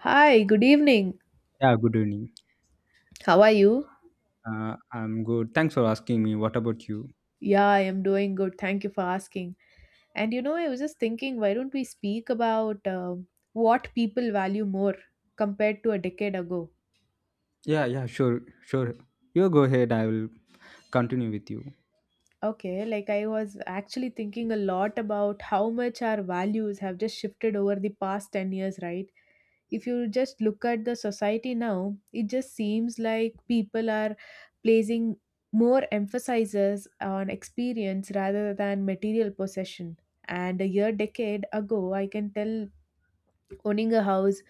Hi, good evening. Yeah, good evening. How are you? I'm good. Thanks for asking me. What about you? Yeah, I am doing good. Thank you for asking. And you know, I was just thinking, why don't we speak about what people value more compared to a decade ago? Yeah, yeah, sure, sure. You go ahead. I will continue with you. Okay, like I was actually thinking a lot about how much our values have just shifted over the past 10 years, right? If you just look at the society now, it just seems like people are placing more emphasis on experience rather than material possession. And a year decade ago, I can tell owning a house,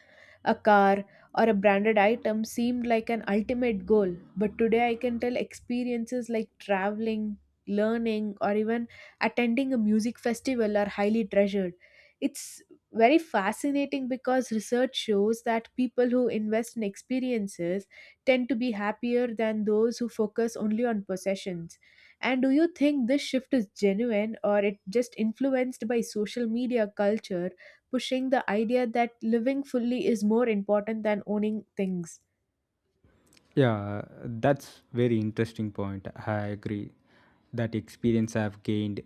a car, or a branded item seemed like an ultimate goal, but today I can tell experiences like traveling, learning, or even attending a music festival are highly treasured. It's very fascinating because research shows that people who invest in experiences tend to be happier than those who focus only on possessions. And do you think this shift is genuine or it just influenced by social media culture pushing the idea that living fully is more important than owning things? Yeah, that's very interesting point. I agree. That experience I've gained,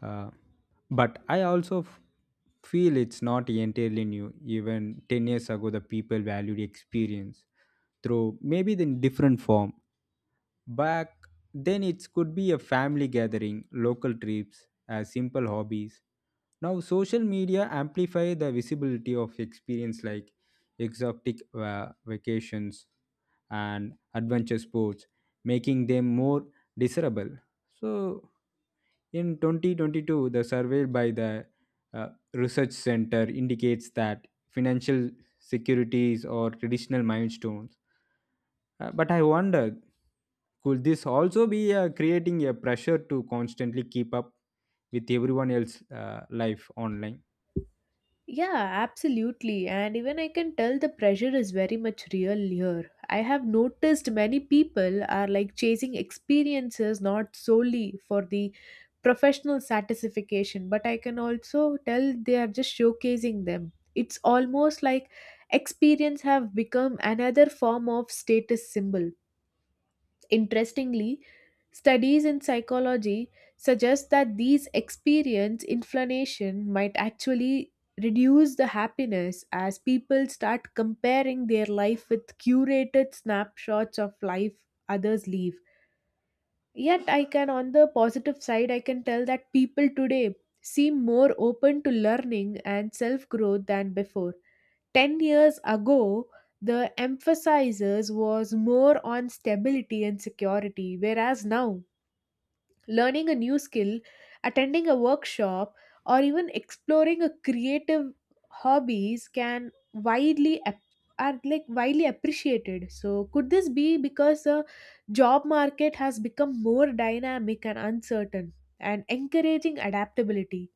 uh, but I also feel it's not entirely new. Even 10 years ago, the people valued experience through maybe the different form. Back then, it could be a family gathering, local trips, simple hobbies. Now, social media amplify the visibility of experience like exotic vacations and adventure sports, making them more desirable. So, in 2022, the survey by the Research Center indicates that financial securities or traditional milestones. But I wonder, could this also be creating a pressure to constantly keep up with everyone else's life online? Yeah, absolutely. And even I can tell the pressure is very much real here. I have noticed many people are like chasing experiences not solely for the professional satisfaction, but I can also tell they are just showcasing them. It's almost like experience have become another form of status symbol. Interestingly, studies in psychology suggest that these experience inflammation might actually reduce the happiness as people start comparing their life with curated snapshots of life others live. Yet I can, on the positive side, I can tell that people today seem more open to learning and self growth than before. 10 years ago, the emphasis was more on stability and security, whereas now, learning a new skill, attending a workshop, or even exploring a creative hobbies can widely are like widely appreciated. So, could this be because the job market has become more dynamic and uncertain and encouraging adaptability?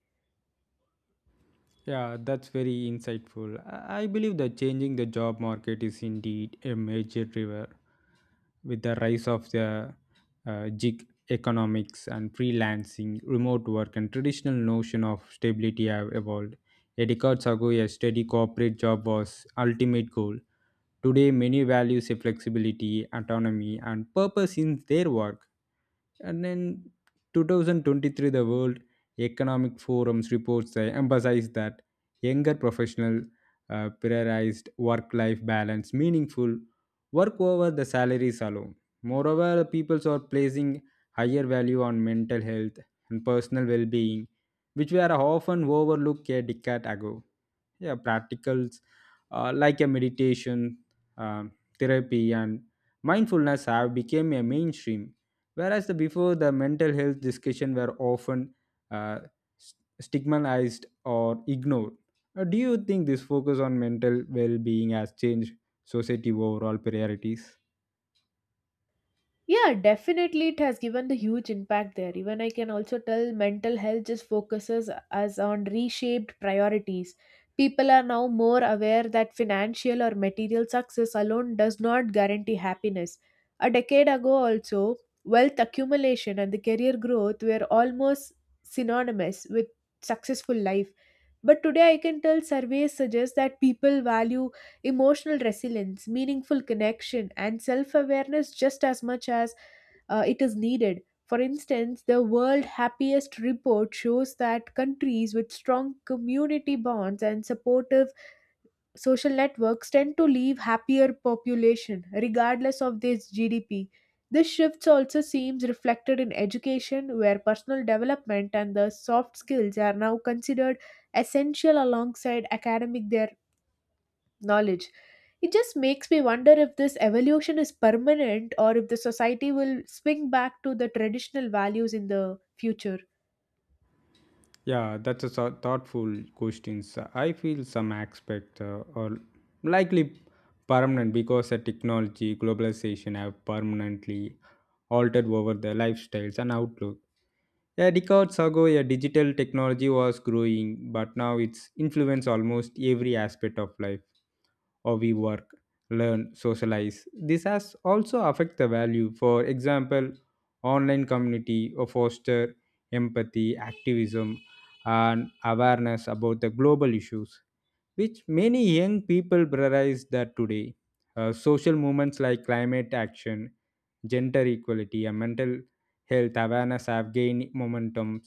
Yeah, that's very insightful. I believe that changing the job market is indeed a major driver with the rise of the gig economics and freelancing, remote work, and traditional notion of stability have evolved. A decade ago, a steady corporate job was ultimate goal. Today, many values a flexibility, autonomy, and purpose in their work. And in 2023, the World Economic Forum's reports emphasize that younger professional prioritized work-life balance, meaningful work over the salaries alone. Moreover, peoples are placing higher value on mental health and personal well-being, which were often overlooked a decade ago. Yeah, practicals like a meditation, um, therapy, and mindfulness have become a mainstream. Whereas the before the mental health discussion were often uh, s- stigmatized or ignored. Do you think this focus on mental well-being has changed society overall priorities? Yeah, definitely it has given the huge impact there. Even I can also tell mental health just focuses as on reshaped priorities. People are now more aware that financial or material success alone does not guarantee happiness. A decade ago also, wealth accumulation and the career growth were almost synonymous with successful life. But today I can tell surveys suggest that people value emotional resilience, meaningful connection and self-awareness just as much as it is needed. For instance, the World Happiest Report shows that countries with strong community bonds and supportive social networks tend to leave happier population regardless of their GDP. This shift also seems reflected in education, where personal development and the soft skills are now considered essential alongside academic their knowledge. It just makes me wonder if this evolution is permanent or if the society will swing back to the traditional values in the future. Yeah, that's a thoughtful question. So I feel some aspects are likely permanent because the technology globalization have permanently altered over their lifestyles and outlook. A decades ago, a digital technology was growing, but now it's influenced almost every aspect of life. How we work, learn, socialize. This has also affect the value. For example, online community or foster empathy, activism, and awareness about the global issues, which many young people prioritize that today. Social movements like climate action gender equality, and mental health awareness have gained momentum.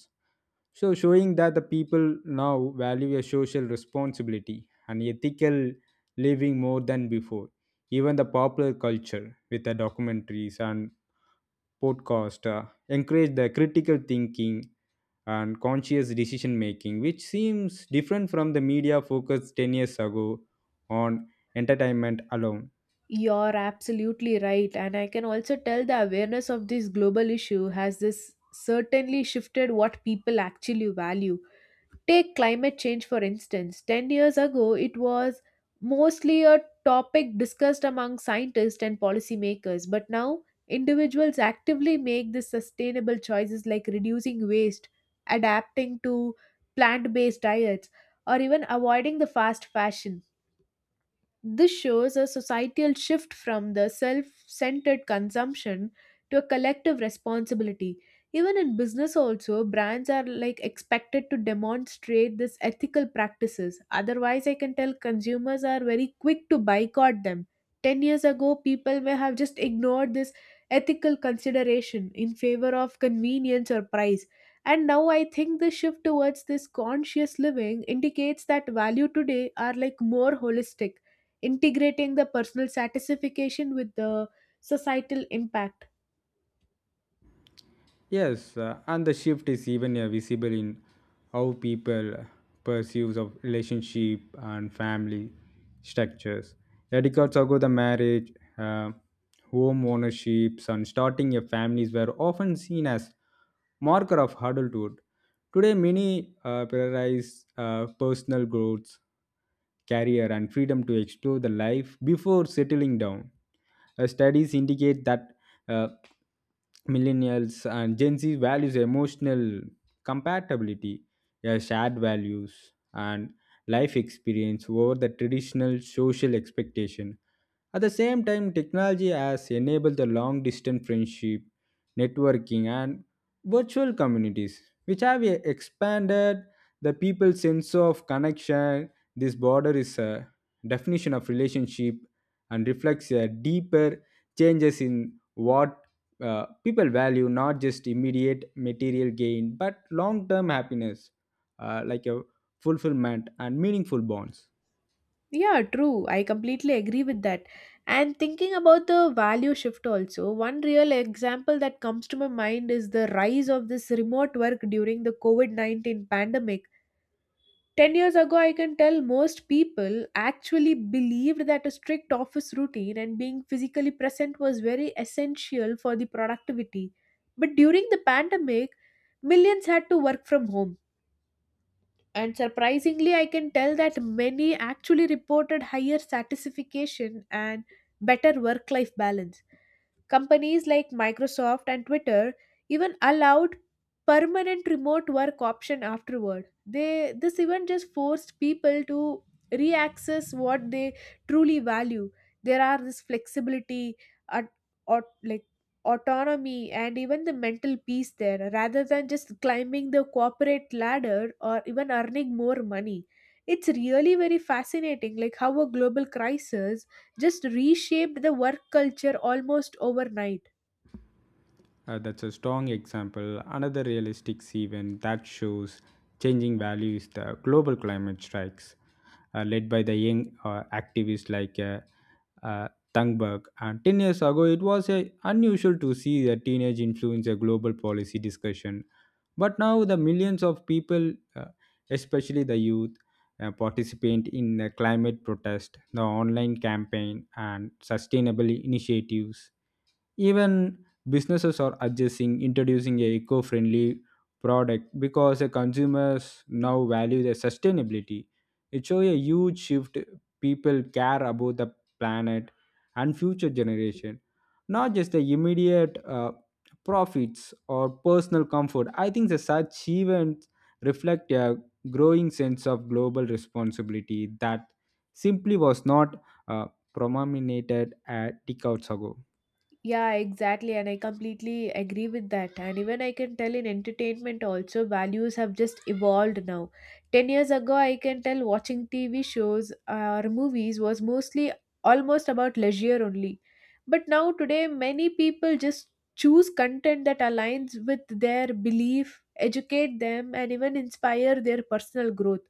So, showing that the people now value a social responsibility and ethical living more than before. Even the popular culture with the documentaries and podcast encourage the critical thinking and conscious decision making, which seems different from the media focus 10 years ago on entertainment alone. You're absolutely right, and I can also tell the awareness of this global issue has this certainly shifted what people actually value. Take climate change for instance. 10 years ago, it was mostly a topic discussed among scientists and policymakers, but now individuals actively make the sustainable choices like reducing waste, adapting to plant based diets, or even avoiding the fast fashion. This shows a societal shift from the self centered consumption to a collective responsibility. Even in business, also, brands are like expected to demonstrate this ethical practices. Otherwise, I can tell consumers are very quick to boycott them. 10 years ago, people may have just ignored this ethical consideration in favor of convenience or price. And now I think the shift towards this conscious living indicates that value today are like more holistic, integrating the personal satisfaction with the societal impact. Yes, and the shift is even visible in how people perceives of relationship and family structures. Yeah, decades ago, the marriage, uh, home ownerships, and starting a families were often seen as marker of adulthood. Today, many prioritize personal growth, career, and freedom to explore the life before settling down. Studies indicate that uh, millennials and Gen Z values emotional compatibility, shared values, and life experience over the traditional social expectation. At the same time, technology has enabled the long distance friendship, networking, and virtual communities which have expanded the people's sense of connection. This border is a definition of relationship and reflects a deeper changes in what people value, not just immediate material gain, but long term happiness, like a fulfillment and meaningful bonds. Yeah, true. I completely agree with that. And thinking about the value shift also, one real example that comes to my mind is the rise of this remote work during the COVID 19 pandemic. 10 years ago, I can tell most people actually believed that a strict office routine and being physically present was very essential for the productivity. But during the pandemic, millions had to work from home. And surprisingly, I can tell that many actually reported higher satisfaction and better work life balance. Companies like Microsoft and Twitter even allowed permanent remote work option afterward. They This event just forced people to reaccess what they truly value. There are this flexibility, at, or like autonomy, and even the mental peace there, rather than just climbing the corporate ladder or even earning more money. It's really very fascinating, like how a global crisis just reshaped the work culture almost overnight. That's a strong example. Another realistic event that shows changing value is the global climate strikes, led by the young activists like uh, Thunberg. And 10 years ago, it was unusual to see a teenage influence a global policy discussion. But now, the millions of people, especially the youth, participate in the climate protest, the online campaign, and sustainable initiatives even businesses are adjusting, introducing a eco-friendly product because the consumers now value the sustainability. It shows a huge shift. People care about the planet and future generation, not just the immediate profits or personal comfort. I think the such events reflect a growing sense of global responsibility that simply was not uh, prominated at decades ago. Yeah, exactly. And I completely agree with that. And even I can tell in entertainment also, values have just evolved now. 10 years ago, I can tell watching TV shows or movies was mostly almost about leisure only. But now, today, many people just choose content that aligns with their belief, educate them, and even inspire their personal growth.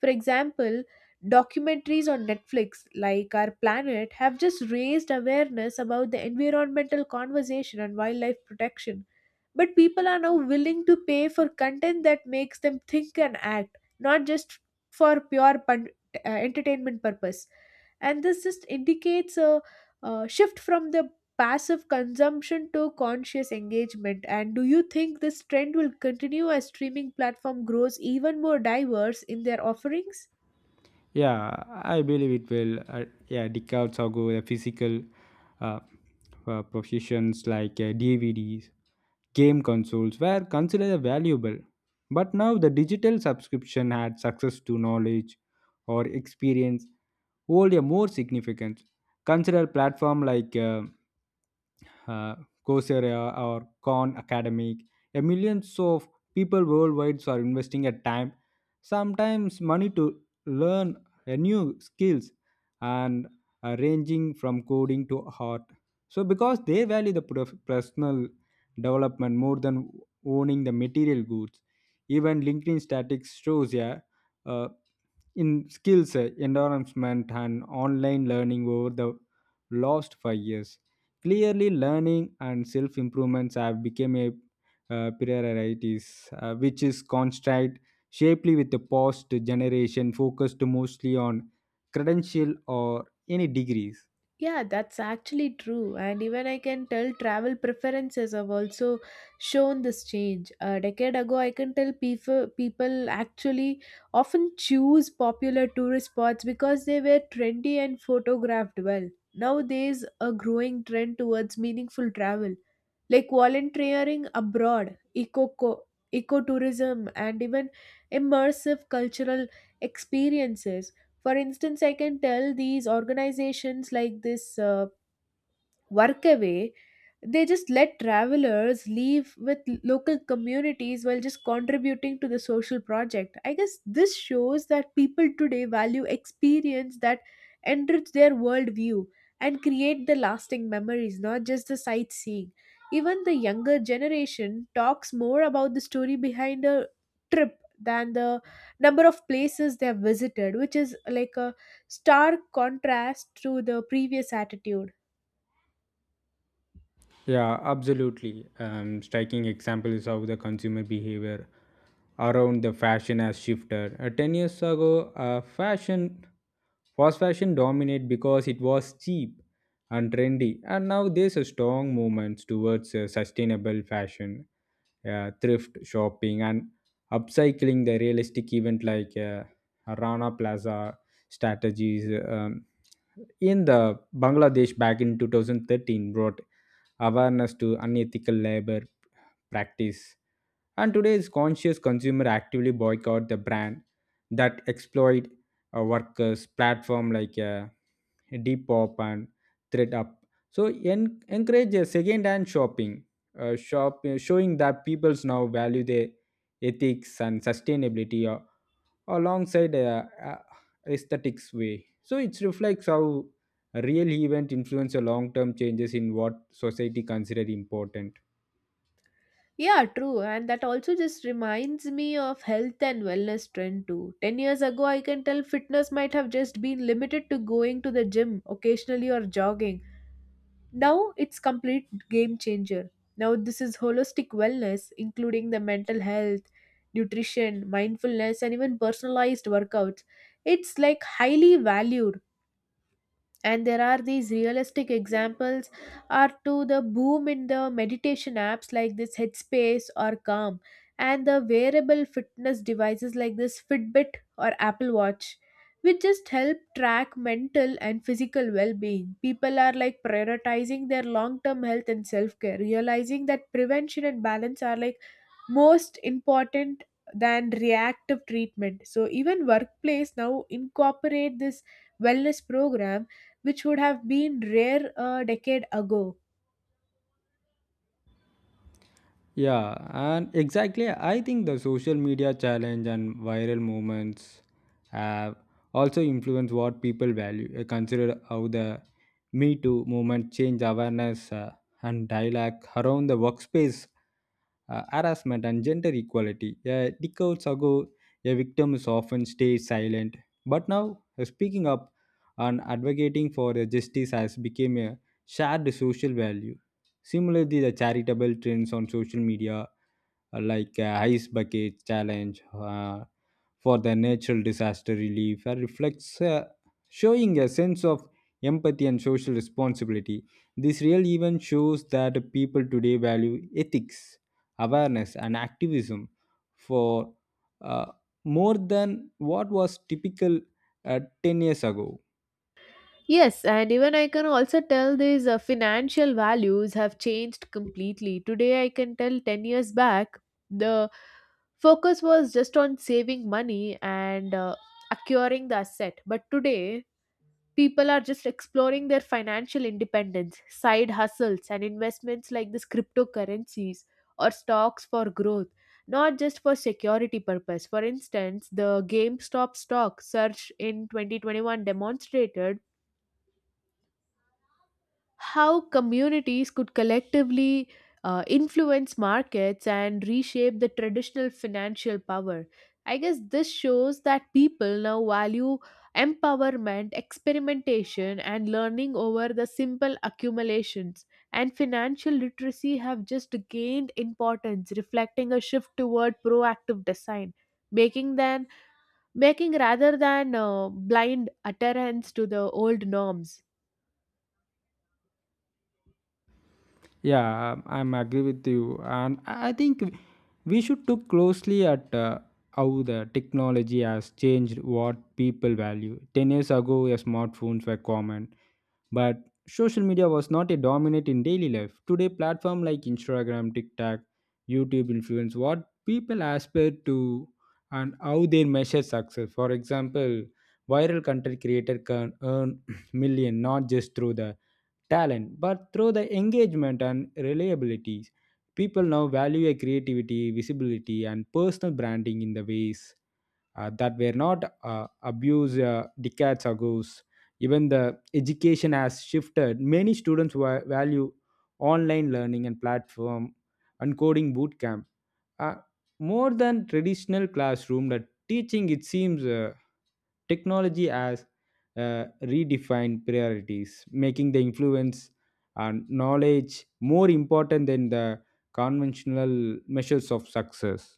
For example, documentaries on Netflix, like Our Planet, have just raised awareness about the environmental conversation and wildlife protection. But people are now willing to pay for content that makes them think and act, not just for pure entertainment purpose. And this just indicates a, shift from the passive consumption to conscious engagement. And do you think this trend will continue as streaming platform grows even more diverse in their offerings? Yeah, I believe it will. Yeah, decades ago, the physical uh, provisions like DVDs, game consoles were considered valuable. But now the digital subscription had success to knowledge or experience hold a more significance. Consider platform like uh, Coursera or Khan Academic. A millions of people worldwide are investing a time, sometimes money to learn a new skills and ranging from coding to art. So because they value the personal development more than owning the material goods, even LinkedIn statistics shows yeah, in skills, environment, and online learning over the last 5 years. Clearly, learning and self improvements have become a priorities, which is contrast shapely with the past generation focused mostly on credential or any degrees. Yeah, that's actually true. And even I can tell travel preferences have also shown this change. A decade ago, I can tell people actually often choose popular tourist spots because they were trendy and photographed well. Nowadays, a growing trend towards meaningful travel like volunteering abroad, ecotourism, and even immersive cultural experiences. For instance, I can tell these organizations like this. Work away, they just let travelers leave with local communities while just contributing to the social project. I guess this shows that people today value experience that enrich their worldview and create the lasting memories, not just the sightseeing. Even the younger generation talks more about the story behind a trip than the number of places they have visited, which is like a stark contrast to the previous attitude. Yeah, absolutely. Striking example is how the consumer behavior around the fashion has shifted. 10 years ago, fashion fast fashion dominated because it was cheap and trendy, and now there's a strong movement towards sustainable fashion, thrift shopping, and upcycling the realistic event like Rana Plaza strategies. In the Bangladesh back in 2013 brought awareness to unethical labor practice and today's conscious consumer actively boycott the brand that exploit workers platform like Depop and ThreadUp. So encourage a second-hand shopping, shop showing that people's now value their ethics and sustainability alongside aesthetics way. So it reflects how a real event influence a long-term changes in what society consider important. Yeah, true. And that also just reminds me of health and wellness trend too. 10 years ago, I can tell fitness might have just been limited to going to the gym occasionally or jogging. Now it's complete game changer. Now this is holistic wellness including the mental health, nutrition, mindfulness and even personalized workouts. It's like highly valued, and there are these realistic examples are to the boom in the meditation apps like this Headspace or Calm and the wearable fitness devices like this Fitbit or Apple Watch, which just help track mental and physical well-being. People are like prioritizing their long-term health and self-care, realizing that prevention and balance are like most important than reactive treatment. So even workplace now incorporate this wellness program, which would have been rare a decade ago. Yeah, and exactly, I think the social media challenge and viral movements have also influenced what people value. Consider how the Me Too movement changed awareness and dialogue around the workspace harassment and gender equality. Yeah, decades ago, a victim is often stay silent, but now speaking up and advocating for justice has become a shared social value. Similarly, the charitable trends on social media like ice bucket challenge uh, for the natural disaster relief reflects showing a sense of empathy and social responsibility. This real event shows that people today value ethics, awareness, and activism for uh, more than what was typical 10 years ago. Yes, and even I can also tell these financial values have changed completely. Today, I can tell 10 years back, the focus was just on saving money and acquiring the asset. But today, people are just exploring their financial independence, side hustles, and investments like this cryptocurrencies or stocks for growth, not just for security purpose. For instance, the GameStop stock surge in 2021 demonstrated how communities could collectively influence markets and reshape the traditional financial power. I guess this shows that people now value empowerment, experimentation, and learning over the simple accumulations. And financial literacy have just gained importance, reflecting a shift toward proactive design, making them making rather than blind adherence to the old norms. Yeah, I'm agree with you, and I think we should look closely at how the technology has changed what people value. 10 years ago, yeah, smartphones were common, but social media was not a dominant in daily life. Today, platform like Instagram, TikTok, YouTube influence what people aspire to and how they measure success. For example, viral content creator can earn million not just through the talent, but through the engagement and reliability. People now value a creativity, visibility, and personal branding in the ways that were not abused decades ago. Even the education has shifted. Many students value online learning and platform and coding bootcamps uh, more than traditional classroom that teaching it seems technology has redefined priorities making the influence and knowledge more important than the conventional measures of success.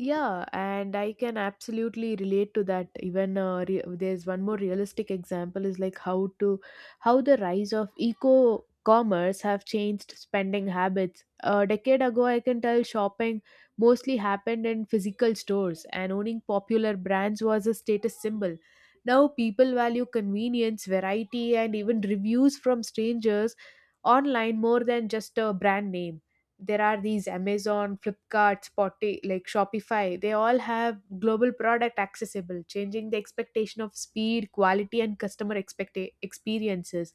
Yeah, and I can absolutely relate to that. Even there's one more realistic example is like how the rise of eco commerce have changed spending habits. A decade ago, I can tell shopping mostly happened in physical stores, and owning popular brands was a status symbol. Now people value convenience, variety, and even reviews from strangers online more than just a brand name. There are these Amazon, Flipkart, Spotty, like Shopify, they all have global product accessible, changing the expectation of speed, quality, and customer expect experiences.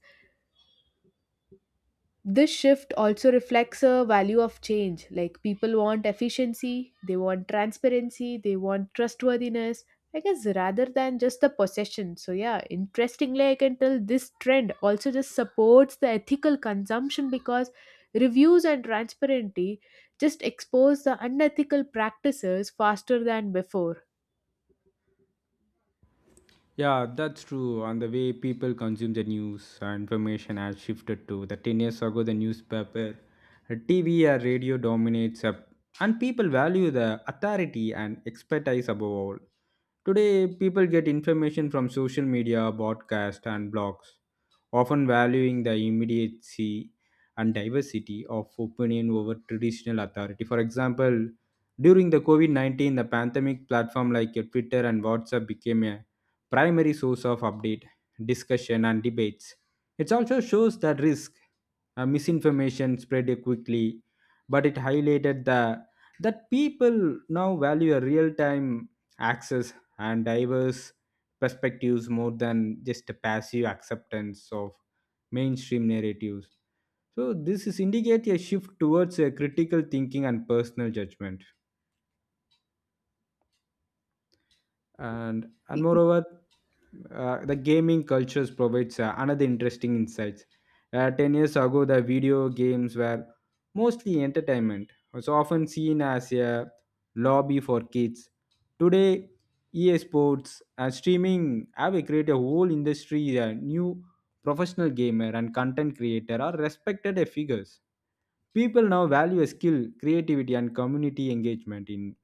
This shift also reflects a value of change. Like people want efficiency, they want transparency, they want trustworthiness, I guess, rather than just the possession. So, yeah, interestingly, I can tell this trend also just supports the ethical consumption because reviews and transparency just expose the unethical practices faster than before. Yeah, that's true. And the way people consume the news and information has shifted to the 10 years ago, the newspaper, TV, or radio dominates, up, and people value the authority and expertise above all. Today, people get information from social media, broadcast, and blogs, often valuing the immediacy and diversity of opinion over traditional authority. For example, during the COVID 19, the pandemic platform like Twitter and WhatsApp became a primary source of update, discussion, and debates. It also shows the risk misinformation spread quickly, but it highlighted the that people now value a real-time access and diverse perspectives more than just a passive acceptance of mainstream narratives. So this is indicate a shift towards a critical thinking and personal judgment. And moreover the gaming cultures provides another interesting insights. 10 years ago the video games were mostly entertainment was often seen as a lobby for kids today ea sports and streaming have created a whole industry a new professional gamer and content creator are respected figures. People now value skill creativity and community engagement in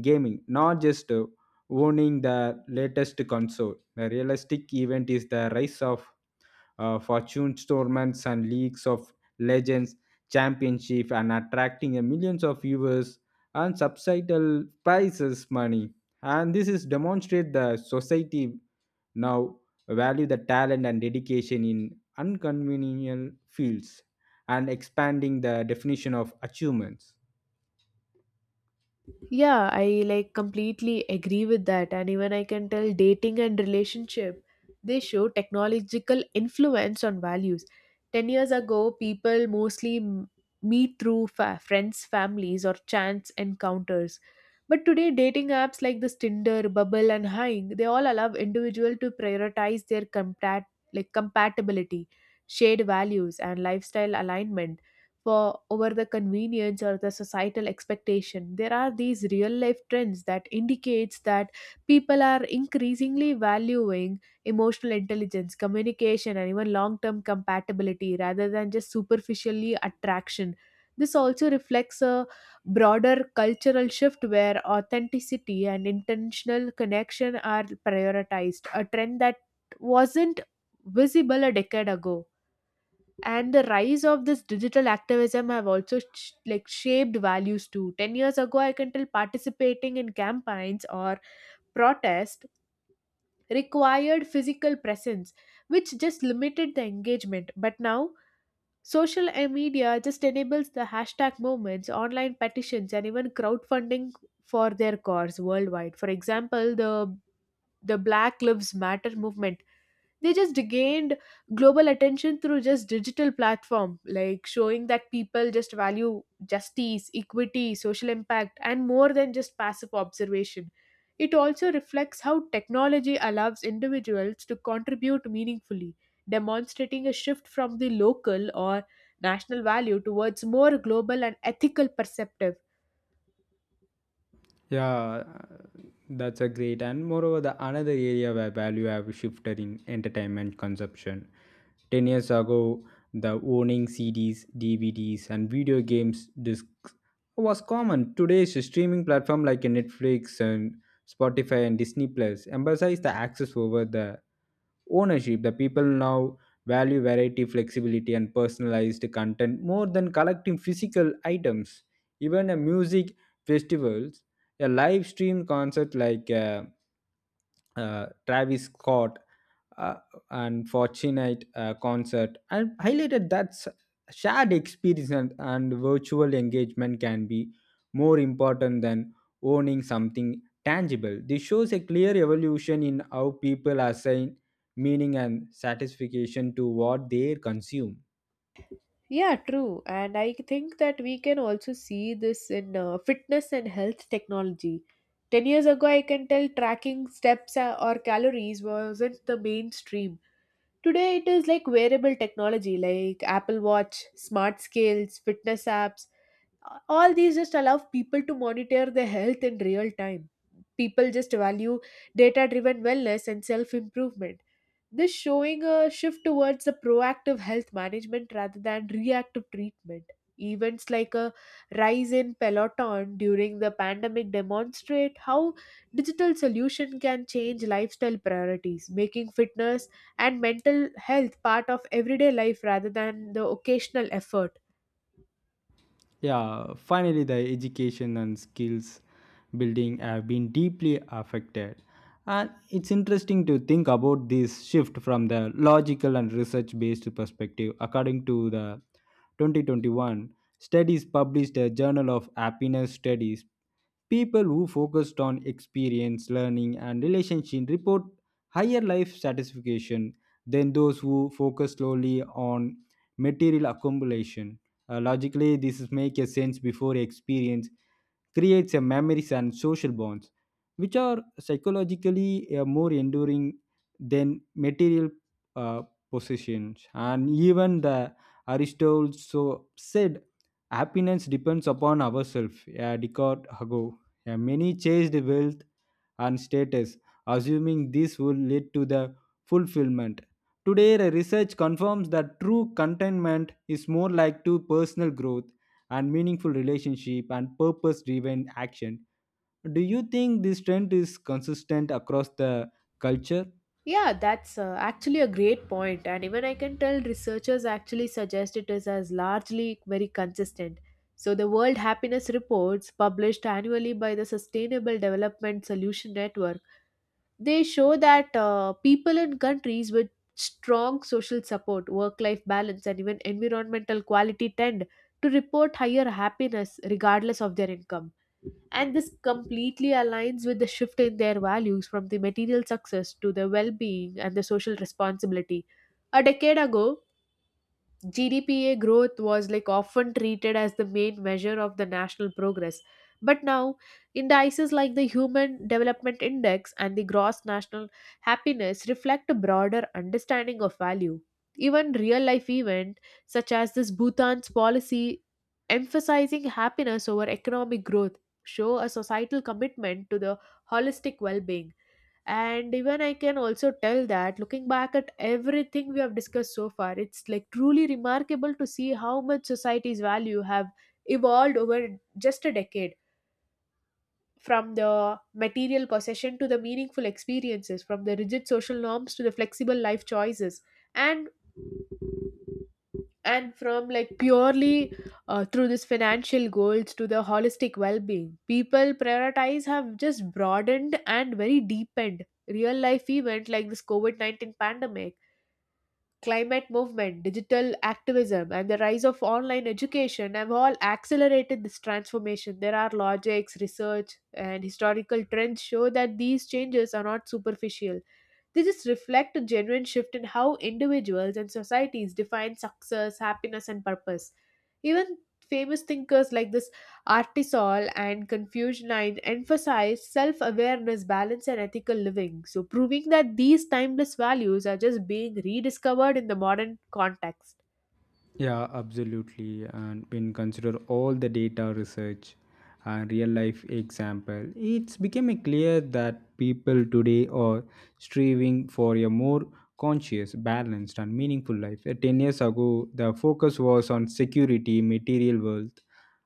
gaming, not just owning the latest console. The realistic event is the rise of fortune tournaments and leagues of legends, championship, and attracting a millions of viewers and subsidal prices money. And this is demonstrate the society now value the talent and dedication in unconventional fields and expanding the definition of achievements. Yeah, I like completely agree with that. And even I can tell dating and relationship, they show technological influence on values. 10 years ago, people mostly meet through friends, families, or chance encounters. But today, dating apps like this Tinder, Bubble, and Hing, they all allow individual to prioritize their compatibility, shared values, and lifestyle alignment for over the convenience or the societal expectation. There are these real life trends that indicates that people are increasingly valuing emotional intelligence communication and even long term compatibility rather than just superficially attraction. This also reflects a broader cultural shift where authenticity and intentional connection are prioritized, a trend that wasn't visible a decade ago. And the rise of this digital activism have also shaped values too. 10 years ago, I can tell participating in campaigns or protest required physical presence, which just limited the engagement. But now, social media just enables the hashtag movements, online petitions, and even crowdfunding for their cause worldwide. For example, the Black Lives Matter movement, they just gained global attention through just digital platform, like showing that people just value justice, equity, social impact, and more than just passive observation. It also reflects how technology allows individuals to contribute meaningfully, demonstrating a shift from the local or national value towards more global and ethical perceptive. Yeah, that's a great. And moreover, the another area where value have shifted in entertainment consumption. 10 years ago, the owning CDs, DVDs, and video games discs was common. Today's streaming platform like Netflix and Spotify and Disney Plus emphasize the access over the ownership. The people now value variety, flexibility, and personalized content more than collecting physical items. Even a music festivals a live stream concert like Travis Scott uh, and Fortnite concert and highlighted that shared experience and virtual engagement can be more important than owning something tangible. This shows a clear evolution in how people assign meaning and satisfaction to what they consume. Yeah, true. And I think that we can also see this in fitness and health technology. 10 years ago, I can tell tracking steps or calories wasn't the mainstream. Today, it is like wearable technology like Apple Watch, smart scales, fitness apps. All these just allow people to monitor their health in real time. People just value data driven wellness and self improvement. This showing a shift towards a proactive health management rather than reactive treatment. Events like a rise in Peloton during the pandemic demonstrate how digital solution can change lifestyle priorities, making fitness and mental health part of everyday life rather than the occasional effort. Yeah, finally, the education and skills building have been deeply affected. And it's interesting to think about this shift from the logical and research based perspective. According to the 2021 studies published a Journal of Happiness Studies, people who focused on experience, learning, and relationship report higher life satisfaction than those who focus solely on material accumulation. Logically, this is make a sense before experience creates a memories and social bonds which are psychologically more enduring than material uh, possessions and even the aristotle so said happiness depends upon ourselves a decade ago. Many chased wealth and status assuming this would lead to the fulfillment today the research confirms that true contentment is more like to personal growth and meaningful relationship and purpose driven action. Do you think this trend is consistent across the culture? Yeah, that's actually a great point, and even I can tell researchers actually suggest it is as largely very consistent. So, the World Happiness Reports, published annually by the Sustainable Development Solution Network, they show that people in countries with strong social support, work-life balance, and even environmental quality tend to report higher happiness regardless of their income. And this completely aligns with the shift in their values from the material success to the well being and the social responsibility. A decade ago, GDPA growth was like often treated as the main measure of the national progress. But now, indices like the Human Development Index and the Gross National Happiness reflect a broader understanding of value. Even real life events such as this Bhutan's policy emphasizing happiness over economic growth show a societal commitment to the holistic well being. And even I can also tell that looking back at everything we have discussed so far, it's like truly remarkable to see how much society's value have evolved over just a decade, from the material possession to the meaningful experiences, from the rigid social norms to the flexible life choices. And and from like purely through this financial goals to the holistic well-being, people prioritize have just broadened and very deepened. Real life event like this covid-19 pandemic, climate movement, digital activism, and the rise of online education have all accelerated this transformation. There are logics research and historical trends show that these changes are not superficial. They just reflect a genuine shift in how individuals and societies define success, happiness, and purpose. Even famous thinkers like this Artisol and Confucianine emphasize self awareness, balance, and ethical living, so proving that these timeless values are just being rediscovered in the modern context. Yeah, absolutely. And when consider all the data research and real life example, it's becoming clear that people today are striving for a more conscious, balanced, and meaningful life. 10 years ago, the focus was on security, material wealth,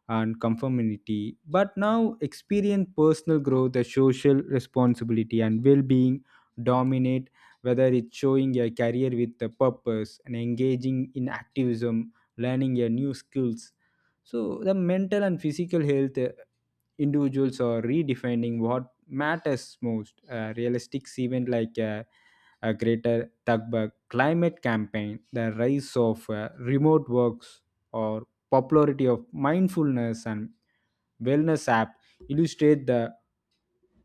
and conformity. But now, experience personal growth, the social responsibility, and well-being dominate whether it's showing a career with a purpose and engaging in activism learning a new skills so the mental and physical health individuals are redefining what matters most realistic event like a greater Tugba climate campaign, the rise of remote works or popularity of mindfulness and wellness app illustrate the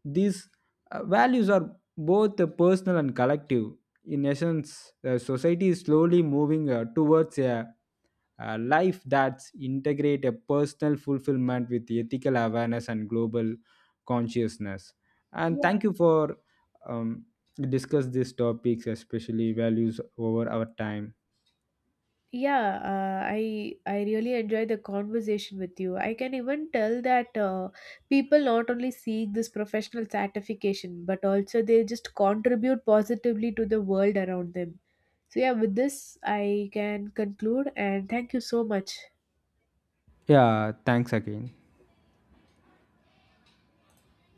these values are both the personal and collective. In essence, the society is slowly moving towards a life that's integrate a personal fulfillment with ethical awareness and global consciousness. And Yeah. thank you for um, discuss these topics, especially values over our time. Yeah, I really enjoy the conversation with you. I can even tell that people not only seek this professional certification, but also they just contribute positively to the world around them. So yeah, with this I can conclude and thank you so much. Yeah, thanks again.